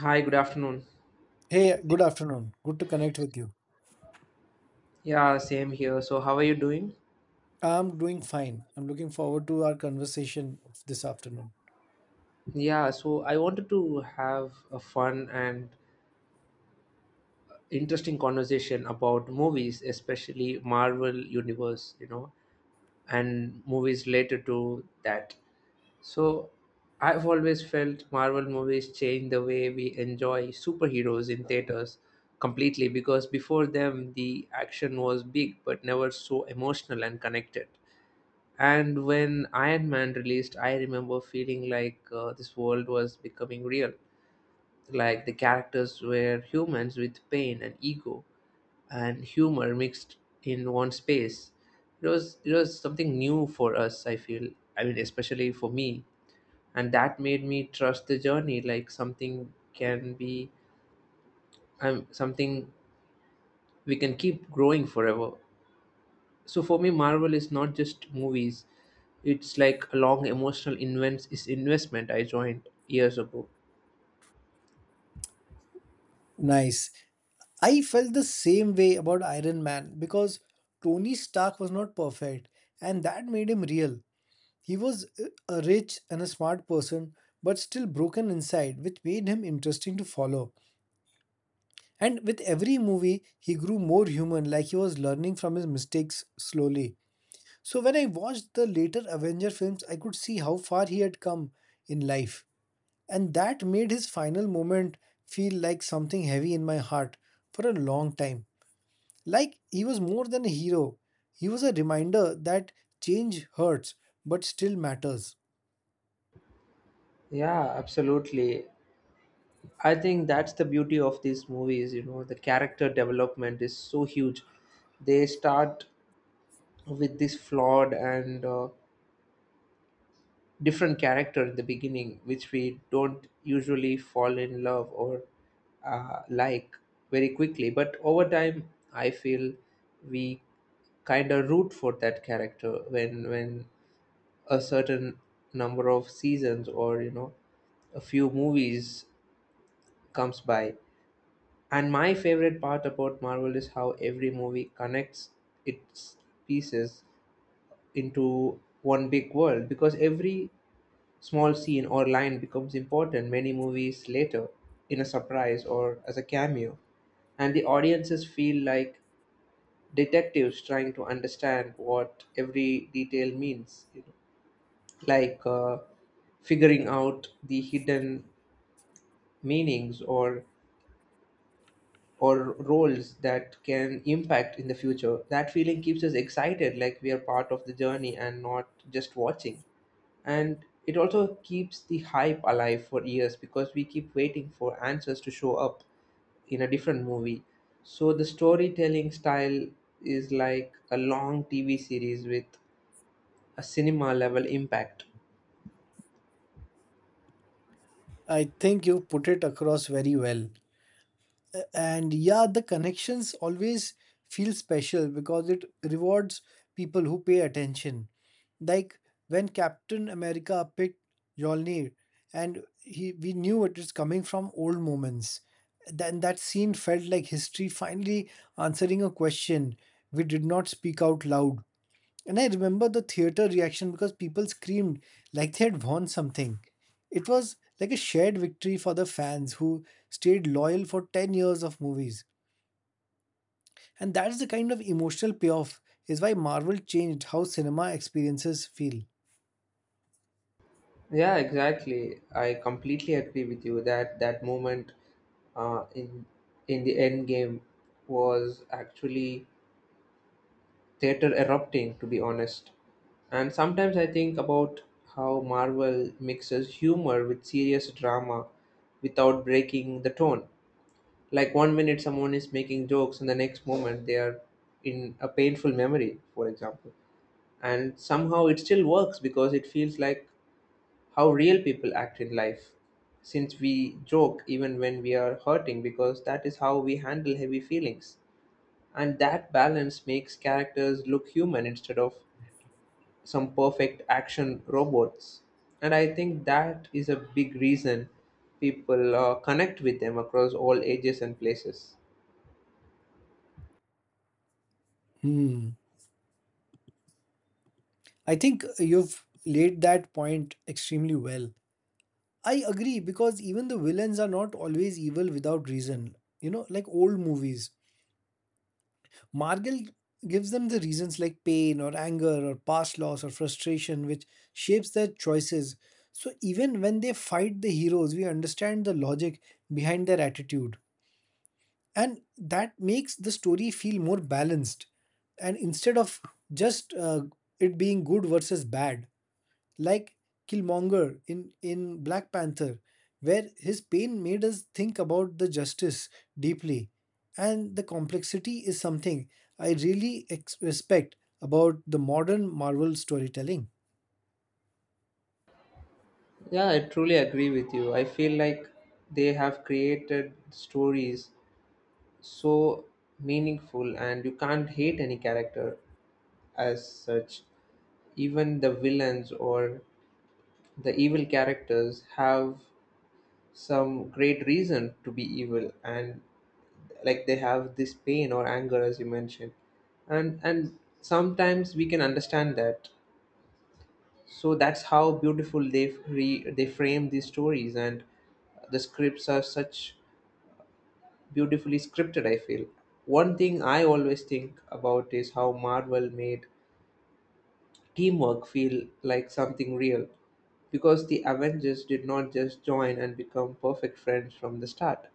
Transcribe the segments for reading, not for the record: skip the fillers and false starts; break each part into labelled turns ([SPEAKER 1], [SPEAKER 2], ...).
[SPEAKER 1] Hi, good afternoon.
[SPEAKER 2] Hey, good afternoon. Good to connect with you.
[SPEAKER 1] Yeah, same here. So, how are you doing?
[SPEAKER 2] I'm doing fine. I'm looking forward to our conversation of this afternoon.
[SPEAKER 1] Yeah, so I wanted to have a fun and interesting conversation about movies, especially Marvel Universe, and movies related to that. So, I've always felt Marvel movies change the way we enjoy superheroes in theaters completely, because before them the action was big but never so emotional and connected. And when Iron Man released, I remember feeling like this world was becoming real. Like the characters were humans with pain and ego and humor mixed in one space. It was something new for us, I feel. I mean, especially for me, and that made me trust the journey. Like something can be, something we can keep growing forever. So for me, Marvel is not just movies. It's like a long emotional invent is investment I joined years ago.
[SPEAKER 2] Nice. I felt the same way about Iron Man because Tony Stark was not perfect, and that made him real. He was a rich and a smart person, but still broken inside, which made him interesting to follow. And with every movie, he grew more human, like he was learning from his mistakes slowly. So when I watched the later Avenger films, I could see how far he had come in life. And that made his final moment feel like something heavy in my heart for a long time. Like he was more than a hero, he was a reminder that change hurts but still matters.
[SPEAKER 1] Yeah, absolutely. I think that's the beauty of these movies, the character development is so huge. They start with this flawed and different character in the beginning, which we don't usually fall in love or like very quickly, but over time I feel we kind of root for that character when a certain number of seasons or a few movies comes by. And my favorite part about Marvel is how every movie connects its pieces into one big world, because every small scene or line becomes important many movies later, in a surprise or as a cameo. And the audiences feel like detectives trying to understand what every detail means, like figuring out the hidden meanings or roles that can impact in the future. That feeling keeps us excited, like we are part of the journey and not just watching. And it also keeps the hype alive for years because we keep waiting for answers to show up in a different movie. So the storytelling style is like a long TV series with a cinema level impact.
[SPEAKER 2] I think you put it across very well. And yeah, the connections always feel special because it rewards people who pay attention, like when Captain America picked Mjolnir and he we knew it was coming from old moments, then that scene felt like history finally answering a question we did not speak out loud. And I remember the theater reaction because people screamed like they had won something. It was like a shared victory for the fans who stayed loyal for 10 years of movies. And that's the kind of emotional payoff is why Marvel changed how cinema experiences feel.
[SPEAKER 1] Yeah, exactly, I completely agree with you that that moment, in the end game, was actually theater erupting, to be honest. And sometimes I think about how Marvel mixes humor with serious drama without breaking the tone, like one minute someone is making jokes and the next moment they are in a painful memory, for example. And somehow it still works because it feels like how real people act in life, since we joke even when we are hurting, because that is how we handle heavy feelings. And that balance makes characters look human instead of some perfect action robots. And I think that is a big reason people connect with them across all ages and places.
[SPEAKER 2] Hmm. I think you've laid that point extremely well. I agree because even the villains are not always evil without reason. You know, like old movies, Margal gives them the reasons like pain or anger or past loss or frustration, which shapes their choices. So even when they fight the heroes, we understand the logic behind their attitude. And that makes the story feel more balanced. And instead of just it being good versus bad, like Killmonger in Black Panther, where his pain made us think about the justice deeply. And the complexity is something I really respect about the modern Marvel storytelling.
[SPEAKER 1] Yeah, I truly agree with you. I feel like they have created stories so meaningful, and you can't hate any character as such. Even the villains or the evil characters have some great reason to be evil, and like they have this pain or anger, as you mentioned. And sometimes we can understand that. So that's how beautiful they frame these stories, and the scripts are such beautifully scripted, I feel. One thing I always think about is how Marvel made teamwork feel like something real, because the Avengers did not just join and become perfect friends from the start.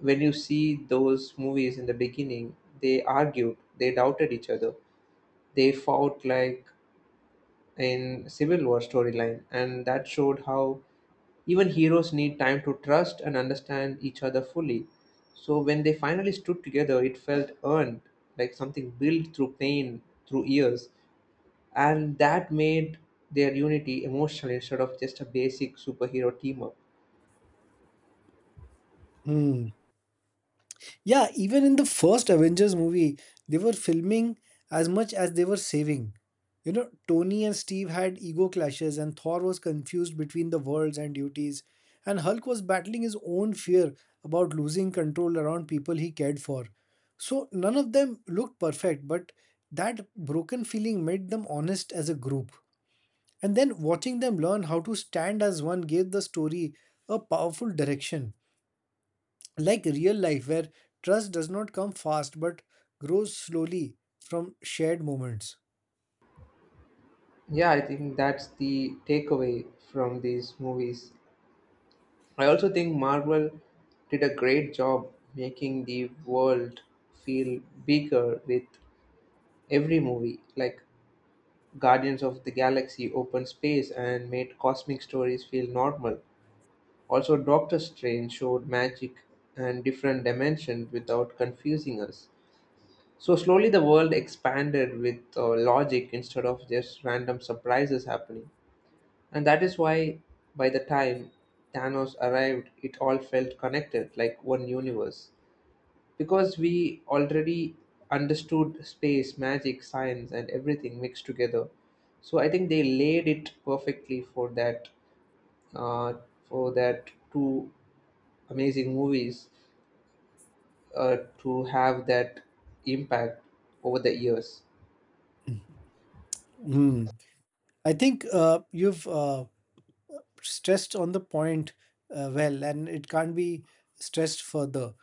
[SPEAKER 1] When you see those movies in the beginning, they argued, they doubted each other, they fought, like in Civil War storyline, and that showed how even heroes need time to trust and understand each other fully. So when they finally stood together, it felt earned, like something built through pain, through years, and that made their unity emotional instead of just a basic superhero team up.
[SPEAKER 2] Hmm. Yeah, even in the first Avengers movie, they were filming as much as they were saving. You know, Tony and Steve had ego clashes, and Thor was confused between the worlds and duties, and Hulk was battling his own fear about losing control around people he cared for. So, none of them looked perfect, but that broken feeling made them honest as a group. And then watching them learn how to stand as one gave the story a powerful direction, like real life where trust does not come fast but grows slowly from shared moments.
[SPEAKER 1] Yeah, I think that's the takeaway from these movies. I also think Marvel did a great job making the world feel bigger with every movie, like Guardians of the Galaxy opened space and made cosmic stories feel normal. Also, Doctor Strange showed magic and different dimensions without confusing us. So, slowly the world expanded with logic instead of just random surprises happening. And that is why, by the time Thanos arrived, it all felt connected like one universe, because we already understood space, magic, science, and everything mixed together. So I think they laid it perfectly uh, for that two amazing movies to have that impact over the years.
[SPEAKER 2] Hmm. I think you've stressed on the point well, and it can't be stressed further.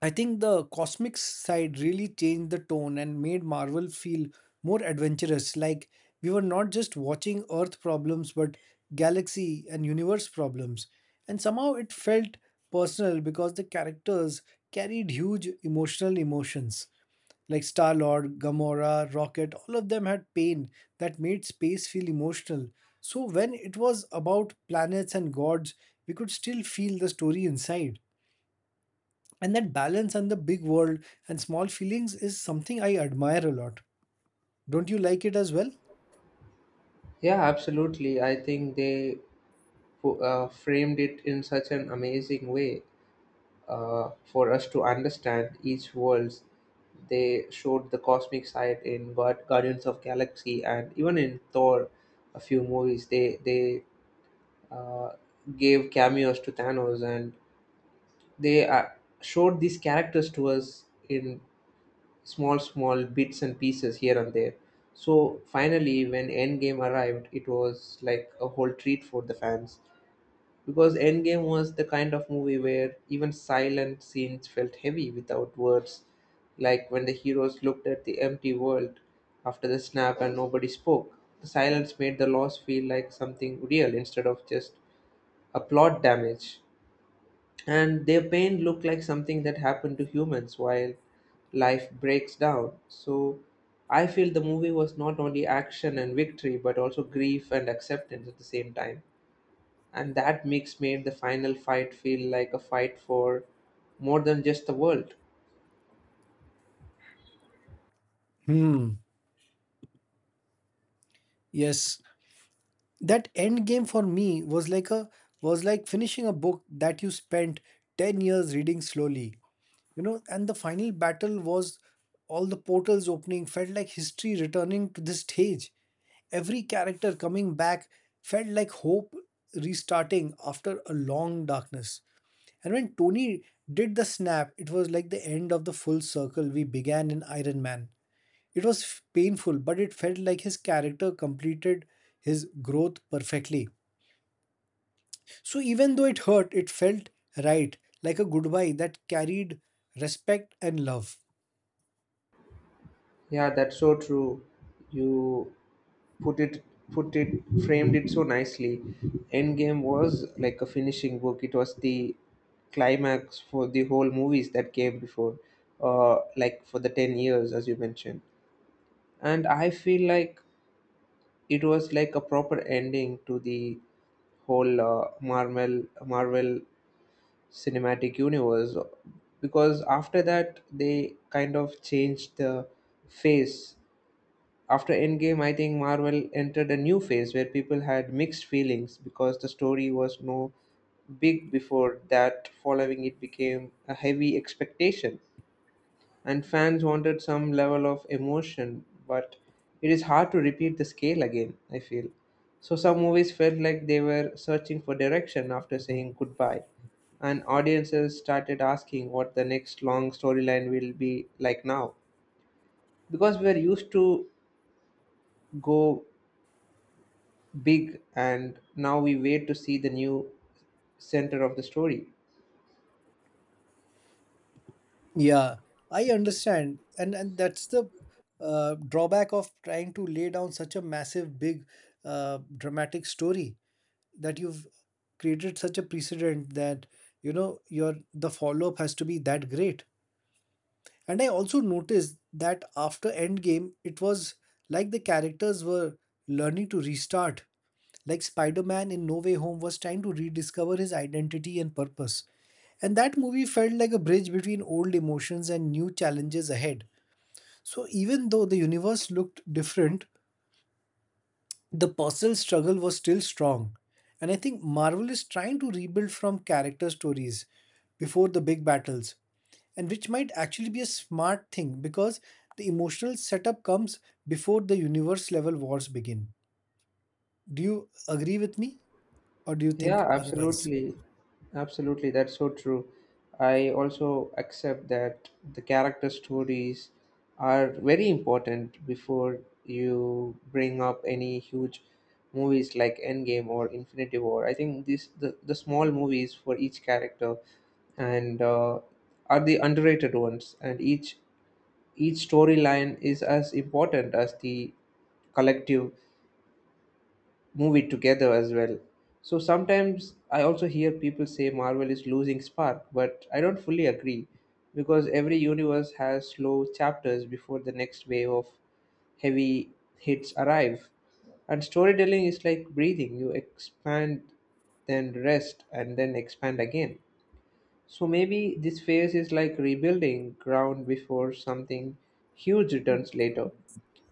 [SPEAKER 2] I think the cosmic side really changed the tone and made Marvel feel more adventurous. Like we were not just watching Earth problems, but galaxy and universe problems. And somehow it felt personal because the characters carried huge emotional emotions. Like Star Lord, Gamora, Rocket, all of them had pain that made space feel emotional. So when it was about planets and gods, we could still feel the story inside. And that balance and the big world and small feelings is something I admire a lot. Don't you like it as well?
[SPEAKER 1] Yeah, absolutely. I think they framed it in such an amazing way for us to understand each worlds. They showed the cosmic side in God, Guardians of Galaxy, and even in Thor, a few movies. They uh, gave cameos to Thanos, and they showed these characters to us in small bits and pieces here and there. So finally, when Endgame arrived, it was like a whole treat for the fans, because Endgame was the kind of movie where even silent scenes felt heavy without words, like when the heroes looked at the empty world after the snap and nobody spoke. The silence made the loss feel like something real, instead of just a plot damage. And their pain looked like something that happened to humans while life breaks down. So I feel the movie was not only action and victory, but also grief and acceptance at the same time, and that mix made the final fight feel like a fight for more than just the world.
[SPEAKER 2] Hmm. Yes. That end game for me was like a, was like finishing a book that you spent 10 years reading slowly. You know, and the final battle was all the portals opening, felt like history returning to the stage. Every character coming back felt like hope restarting after a long darkness. And when Tony did the snap, it was like the end of the full circle we began in Iron Man. It was painful, but it felt like his character completed his growth perfectly. So even though it hurt, it felt right, like a goodbye that carried respect and love.
[SPEAKER 1] Yeah, that's so true. You put it put it framed it so nicely. Endgame was like a finishing book. It was the climax for the whole movies that came before, like for the 10 years as you mentioned. And I feel like it was like a proper ending to the whole Marvel cinematic universe, because after that they kind of changed the phase. After Endgame, I think Marvel entered a new phase where people had mixed feelings because the story was no big before that. Following it became a heavy expectation, and fans wanted some level of emotion, but it is hard to repeat the scale again, I feel. So some movies felt like they were searching for direction after saying goodbye, and audiences started asking what the next long storyline will be like now. Because we are used to go big, and now we wait to see the new center of the story.
[SPEAKER 2] Yeah, I understand. And that's the drawback of trying to lay down such a massive, big, dramatic story. That you've created such a precedent that, you know, your the follow up has to be that great. And I also noticed that after Endgame, it was like the characters were learning to restart, like Spider-Man in No Way Home was trying to rediscover his identity and purpose, and that movie felt like a bridge between old emotions and new challenges ahead. So even though the universe looked different, the personal struggle was still strong. And I think Marvel is trying to rebuild from character stories before the big battles, and which might actually be a smart thing because the emotional setup comes before the universe level wars begin. Do you agree with me, or do you
[SPEAKER 1] Yeah,
[SPEAKER 2] think otherwise?
[SPEAKER 1] absolutely. Absolutely. That's so true. I also accept that the character stories are very important before you bring up any huge movies like Endgame or Infinity War. I think the small movies for each character and are the underrated ones, and each storyline is as important as the collective movie together as well. So sometimes I also hear people say Marvel is losing spark, but I don't fully agree, because every universe has slow chapters before the next wave of heavy hits arrive. And storytelling is like breathing. You expand, then rest, and then expand again. So maybe this phase is like rebuilding ground before something huge returns later,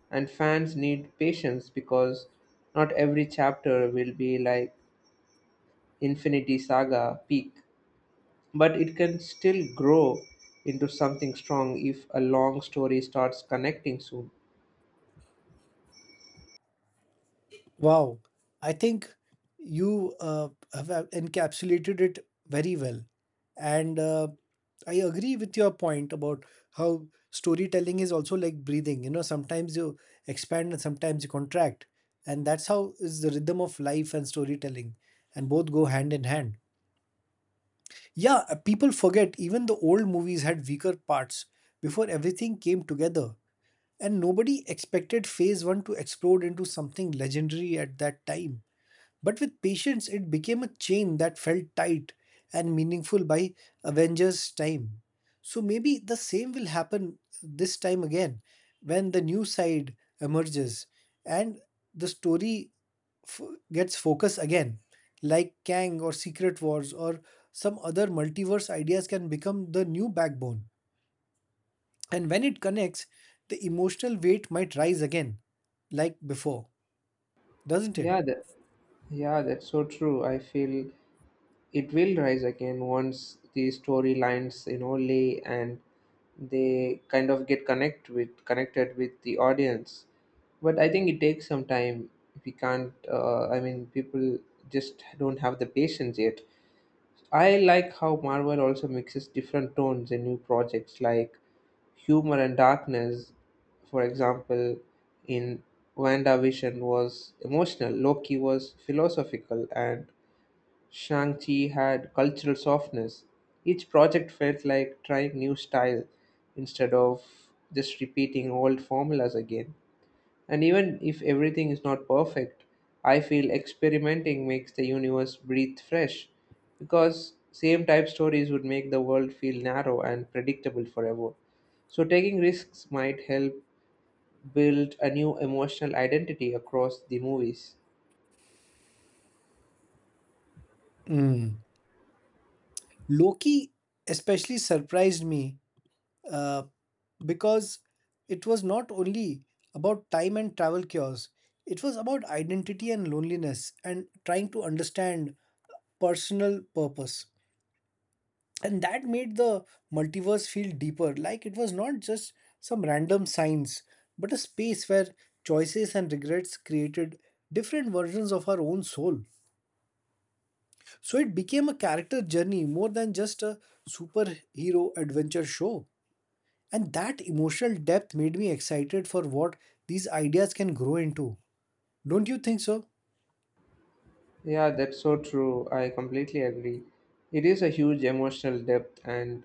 [SPEAKER 1] and fans need patience, because not every chapter will be like Infinity Saga peak, but it can still grow into something strong if a long story starts connecting soon.
[SPEAKER 2] Wow, I think you have encapsulated it very well. And I agree with your point about how storytelling is also like breathing. You know, sometimes you expand and sometimes you contract. And that's how is the rhythm of life and storytelling, and both go hand in hand. Yeah, people forget even the old movies had weaker parts before everything came together. And nobody expected phase one to explode into something legendary at that time. But with patience, it became a chain that felt tight and meaningful by Avengers' time. So maybe the same will happen this time again when the new side emerges and the story f- gets focus again, like Kang or Secret Wars or some other multiverse ideas can become the new backbone. And when it connects, the emotional weight might rise again, like before, doesn't it?
[SPEAKER 1] Yeah, that, yeah, that's so true. I feel it will rise again once the storylines lay and they kind of get connected with the audience. But I think it takes some time. We can't, I mean, people just don't have the patience yet. I like how Marvel also mixes different tones in new projects, like humor and darkness, for example. In WandaVision was emotional, Loki was philosophical, and Shang-Chi had cultural softness. Each project felt like trying new style instead of just repeating old formulas again. And even if everything is not perfect, I feel experimenting makes the universe breathe fresh, because same type stories would make the world feel narrow and predictable forever. So taking risks might help build a new emotional identity across the movies.
[SPEAKER 2] Mm. Loki especially surprised me uh, because it was not only about time and travel cures, it was about identity and loneliness and trying to understand personal purpose. And that made the multiverse feel deeper, like it was not just some random science, but a space where choices and regrets created different versions of our own soul. So it became a character journey more than just a superhero adventure show. And that emotional depth made me excited for what these ideas can grow into. Don't you think so?
[SPEAKER 1] Yeah, that's so true. I completely agree. It is a huge emotional depth, and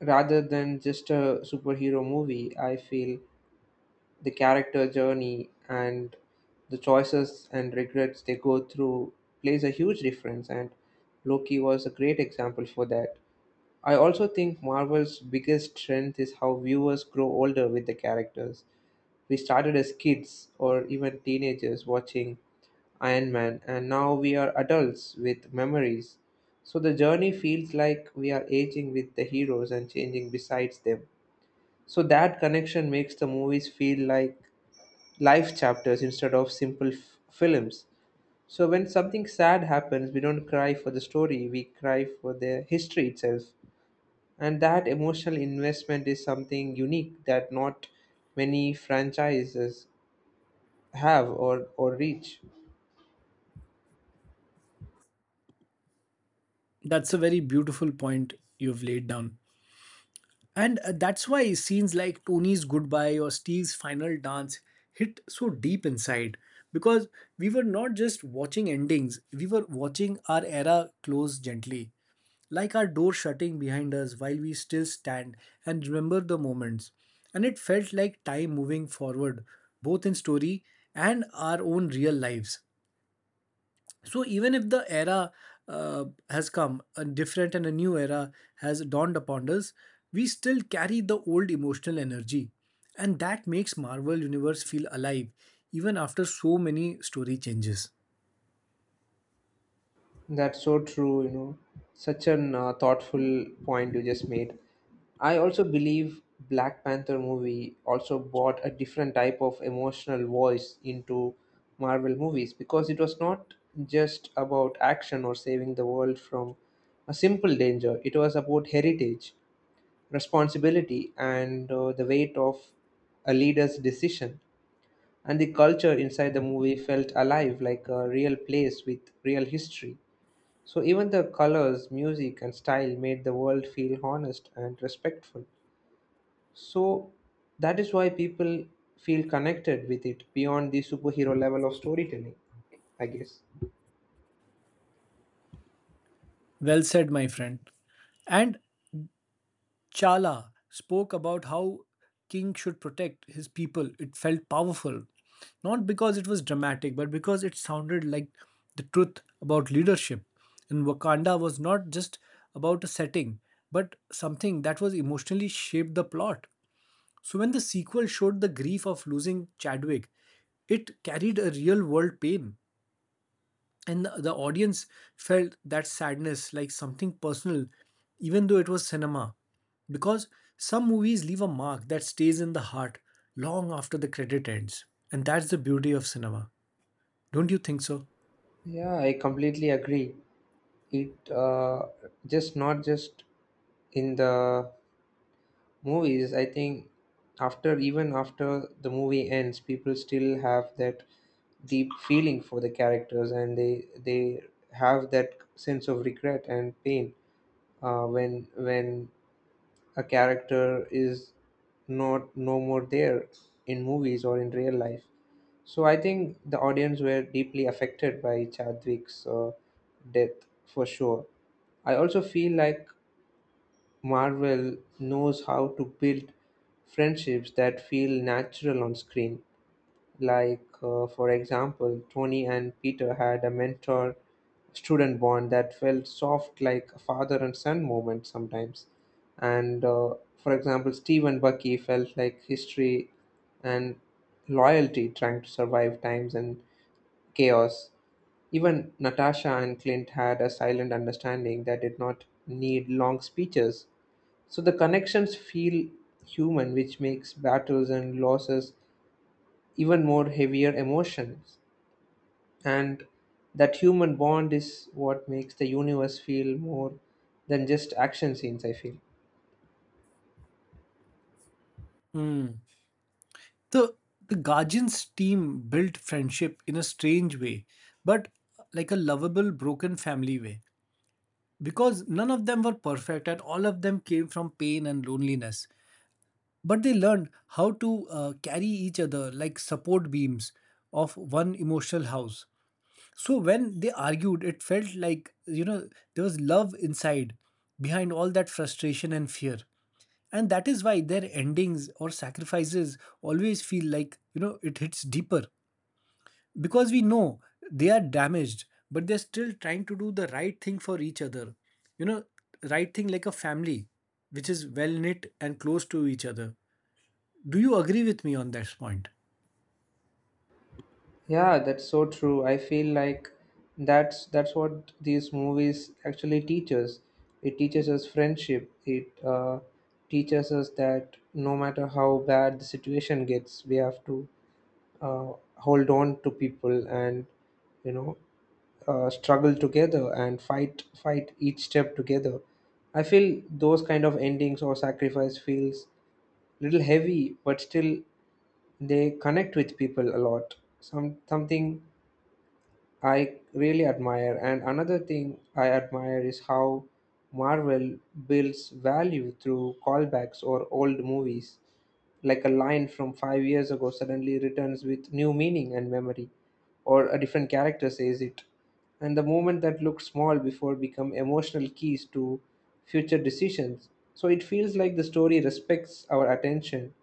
[SPEAKER 1] rather than just a superhero movie, I feel the character journey and the choices and regrets they go through plays a huge difference. And Loki was a great example for that. I also think Marvel's biggest strength is how viewers grow older with the characters. We started as kids or even teenagers watching Iron Man, and now we are adults with memories. So the journey feels like we are aging with the heroes and changing besides them. So that connection makes the movies feel like life chapters instead of simple films. So when something sad happens, we don't cry for the story, we cry for the history itself. And that emotional investment is something unique that not many franchises have or reach.
[SPEAKER 2] That's a very beautiful point you've laid down. And that's why scenes like Tony's goodbye or Steve's final dance hit so deep inside, because we were not just watching endings, we were watching our era close gently. Like our door shutting behind us while we still stand and remember the moments. And it felt like time moving forward, both in story and our own real lives. So, even if the era has come, a different and a new era has dawned upon us, we still carry the old emotional energy. And that makes Marvel Universe feel alive, even after so many story changes.
[SPEAKER 1] That's so true. Such an thoughtful point you just made. I also believe Black Panther movie also brought a different type of emotional voice into Marvel movies, because it was not just about action or saving the world from a simple danger. It was about heritage, responsibility, and the weight of a leader's decision. And the culture inside the movie felt alive, like a real place with real history. So even the colors, music, and style made the world feel honest and respectful. So that is why people feel connected with it beyond the superhero level of storytelling, I guess.
[SPEAKER 2] Well said, my friend. And Chala spoke about how king should protect his people. It felt powerful, not because it was dramatic, but because it sounded like the truth about leadership. And Wakanda was not just about a setting, but something that was emotionally shaped the plot. So when the sequel showed the grief of losing Chadwick, it carried a real world pain, and the audience felt that sadness like something personal, even though it was cinema, because some movies leave a mark that stays in the heart long after the credit ends. And that's the beauty of cinema, don't you think so?
[SPEAKER 1] Yeah, I completely agree. It uh, just not just in the movies, I think, after even after the movie ends, people still have that deep feeling for the characters, and they have that sense of regret and pain when a character is not no more there in movies or in real life. So I think the audience were deeply affected by Chadwick's death for sure. I also feel like Marvel knows how to build friendships that feel natural on screen. Like, for example, Tony and Peter had a mentor student bond that felt soft, like a father and son moment sometimes. And, for example, Steve and Bucky felt like history and loyalty trying to survive times and chaos. Even Natasha and Clint had a silent understanding that did not need long speeches. So the connections feel human, which makes battles and losses even more heavier emotions. And that human bond is what makes the universe feel more than just action scenes, I feel.
[SPEAKER 2] The the guardians team built friendship in a strange way, but like a lovable broken family way, because none of them were perfect and all of them came from pain and loneliness. But they learned how to carry each other like support beams of one emotional house. So when they argued, it felt like, you know, there was love inside behind all that frustration and fear. And that is why their endings or sacrifices always feel like, you know, it hits deeper, because we know they are damaged but they're still trying to do the right thing for each other, you know, right thing like a family which is well knit and close to each other. Do you agree with me on this point?
[SPEAKER 1] Yeah, that's so true. I feel like that's what these movies actually teach us. It teaches us friendship. It teaches us that no matter how bad the situation gets, we have to hold on to people and, you know, struggle together and fight each step together. I feel those kind of endings or sacrifice feels little heavy, but still they connect with people a lot. Something I really admire, and another thing I admire is how Marvel builds value through callbacks or old movies. Like a line from 5 years ago suddenly returns with new meaning and memory, or a different character says it. And the moment that looked small before become emotional keys to future decisions. So it feels like the story respects our attention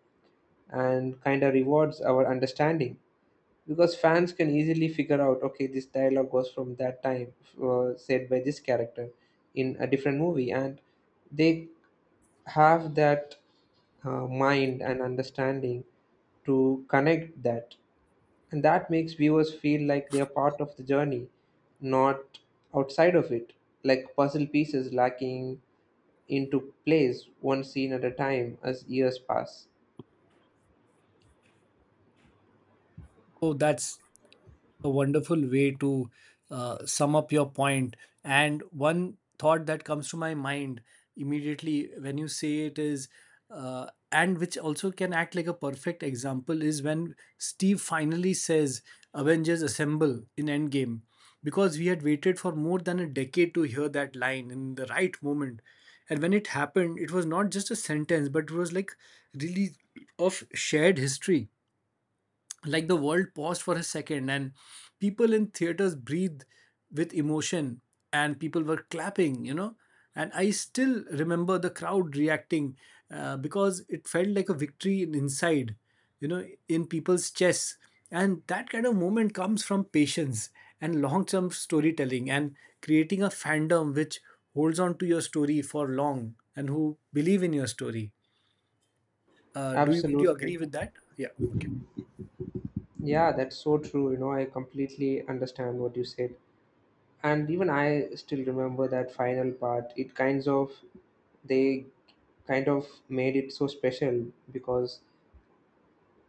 [SPEAKER 1] and kind of rewards our understanding, because fans can easily figure out, okay, this dialogue was from that time, said by this character in a different movie, and they have that mind and understanding to connect that. And that makes viewers feel like they are part of the journey, not outside of it, like puzzle pieces lacking into place one scene at a time as years pass.
[SPEAKER 2] Oh, that's a wonderful way to sum up your point. And one thought that comes to my mind immediately when you say it is, and which also can act like a perfect example, is when Steve finally says, Avengers assemble in Endgame. Because we had waited for more than a decade to hear that line in the right moment. And when it happened, it was not just a sentence, but it was like really of shared history, like the world paused for a second and people in theaters breathed with emotion, and people were clapping, you know. And I still remember the crowd reacting, because it felt like a victory inside, you know, in people's chests. And that kind of moment comes from patience and long term storytelling and creating a fandom which holds on to your story for long and who believe in your story. Do you do you agree
[SPEAKER 1] Absolutely.
[SPEAKER 2] with that? Yeah, okay.
[SPEAKER 1] Yeah, that's so true, you know. I completely understand what you said, and even I still remember that final part. It kinds of, they kind of made it so special, because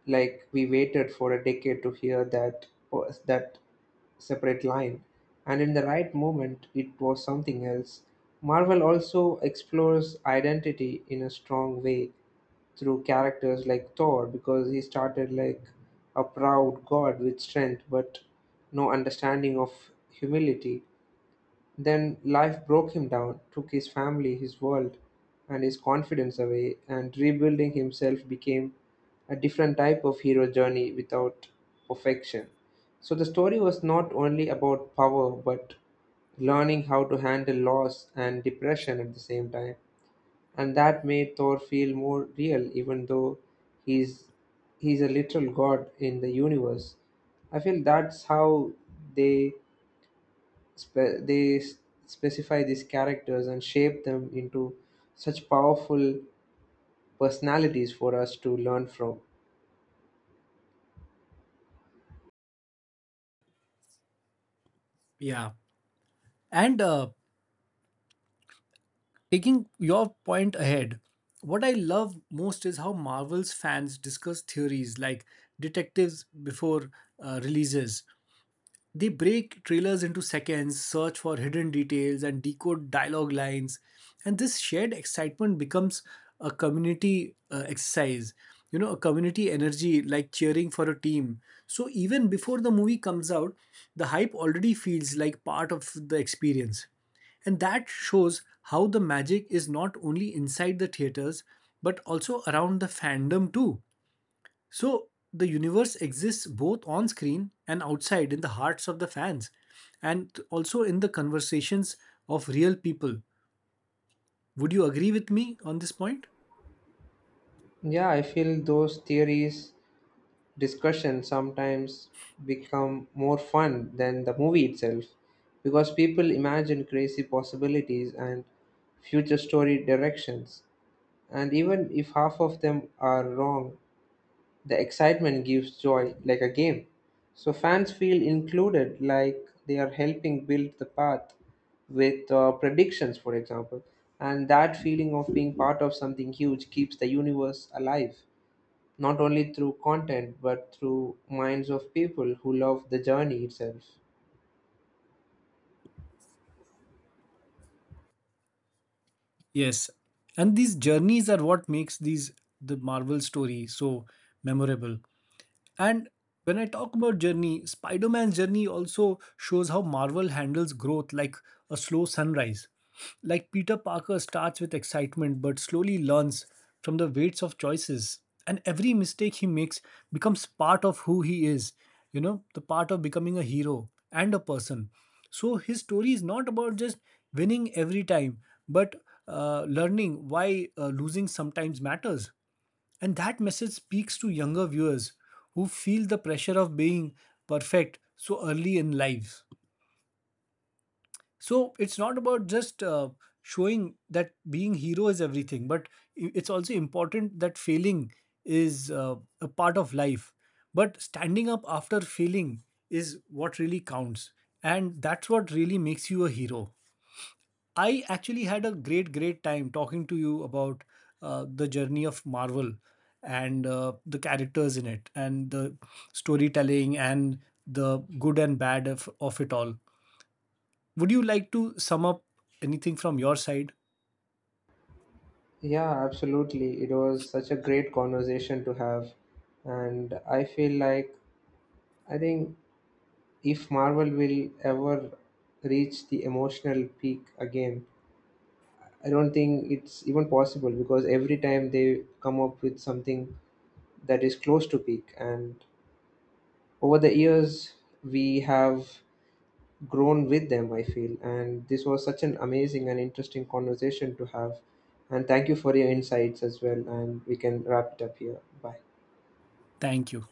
[SPEAKER 1] like we waited for a decade to hear that separate line, and in the right moment it was something else. Marvel also explores identity in a strong way through characters like Thor, because he started like a proud god with strength but no understanding of humility. Then life broke him down, took his family, his world, and his confidence away, and rebuilding himself became a different type of hero journey without perfection. So the story was not only about power, but learning how to handle loss and depression at the same time. And that made Thor feel more real, even though he's he's a literal god in the universe. I feel that's how they spe- they s- specify these characters and shape them into such powerful personalities for us to learn from.
[SPEAKER 2] Yeah. And taking your point ahead, what I love most is how Marvel's fans discuss theories like detectives before releases, they break trailers into seconds, search for hidden details, and decode dialogue lines. And this shared excitement becomes a community exercise, you know, a community energy like cheering for a team. So even before the movie comes out, the hype already feels like part of the experience. And that shows how the magic is not only inside the theaters but also around the fandom too. So the universe exists both on screen and outside in the hearts of the fans and also in the conversations of real people. Would you agree with me on this point?
[SPEAKER 1] Yeah, I feel those theories, discussions sometimes become more fun than the movie itself, because people imagine crazy possibilities and future story directions, and even if half of them are wrong, the excitement gives joy like a game. So fans feel included, like they are helping build the path with, predictions, for example. And that feeling of being part of something huge keeps the universe alive, not only through content but through minds of people who love the journey itself.
[SPEAKER 2] Yes. And these journeys are what makes these the Marvel story so memorable. And when I talk about journey, Spider Man's journey also shows how Marvel handles growth like a slow sunrise. Like Peter Parker starts with excitement but slowly learns from the weights of choices. And every mistake he makes becomes part of who he is, you know, the part of becoming a hero and a person. So his story is not about just winning every time, but learning why losing sometimes matters. And that message speaks to younger viewers who feel the pressure of being perfect so early in life. So it's not about just showing that being hero is everything, but it's also important that failing is a part of life. But standing up after failing is what really counts, and that's what really makes you a hero. I actually had a great, great time talking to you about the journey of Marvel and the characters in it and the storytelling and the good and bad of it all. Would you like to sum up anything from your side?
[SPEAKER 1] Yeah, absolutely. It was such a great conversation to have. And I feel like, I think, if Marvel will ever reach the emotional peak again. I don't think it's even possible, because every time they come up with something that is close to peak, and over the years we have grown with them, I feel. And this was such an amazing and interesting conversation to have. And thank you for your insights as well. And we can wrap it up here. Bye.
[SPEAKER 2] Thank you.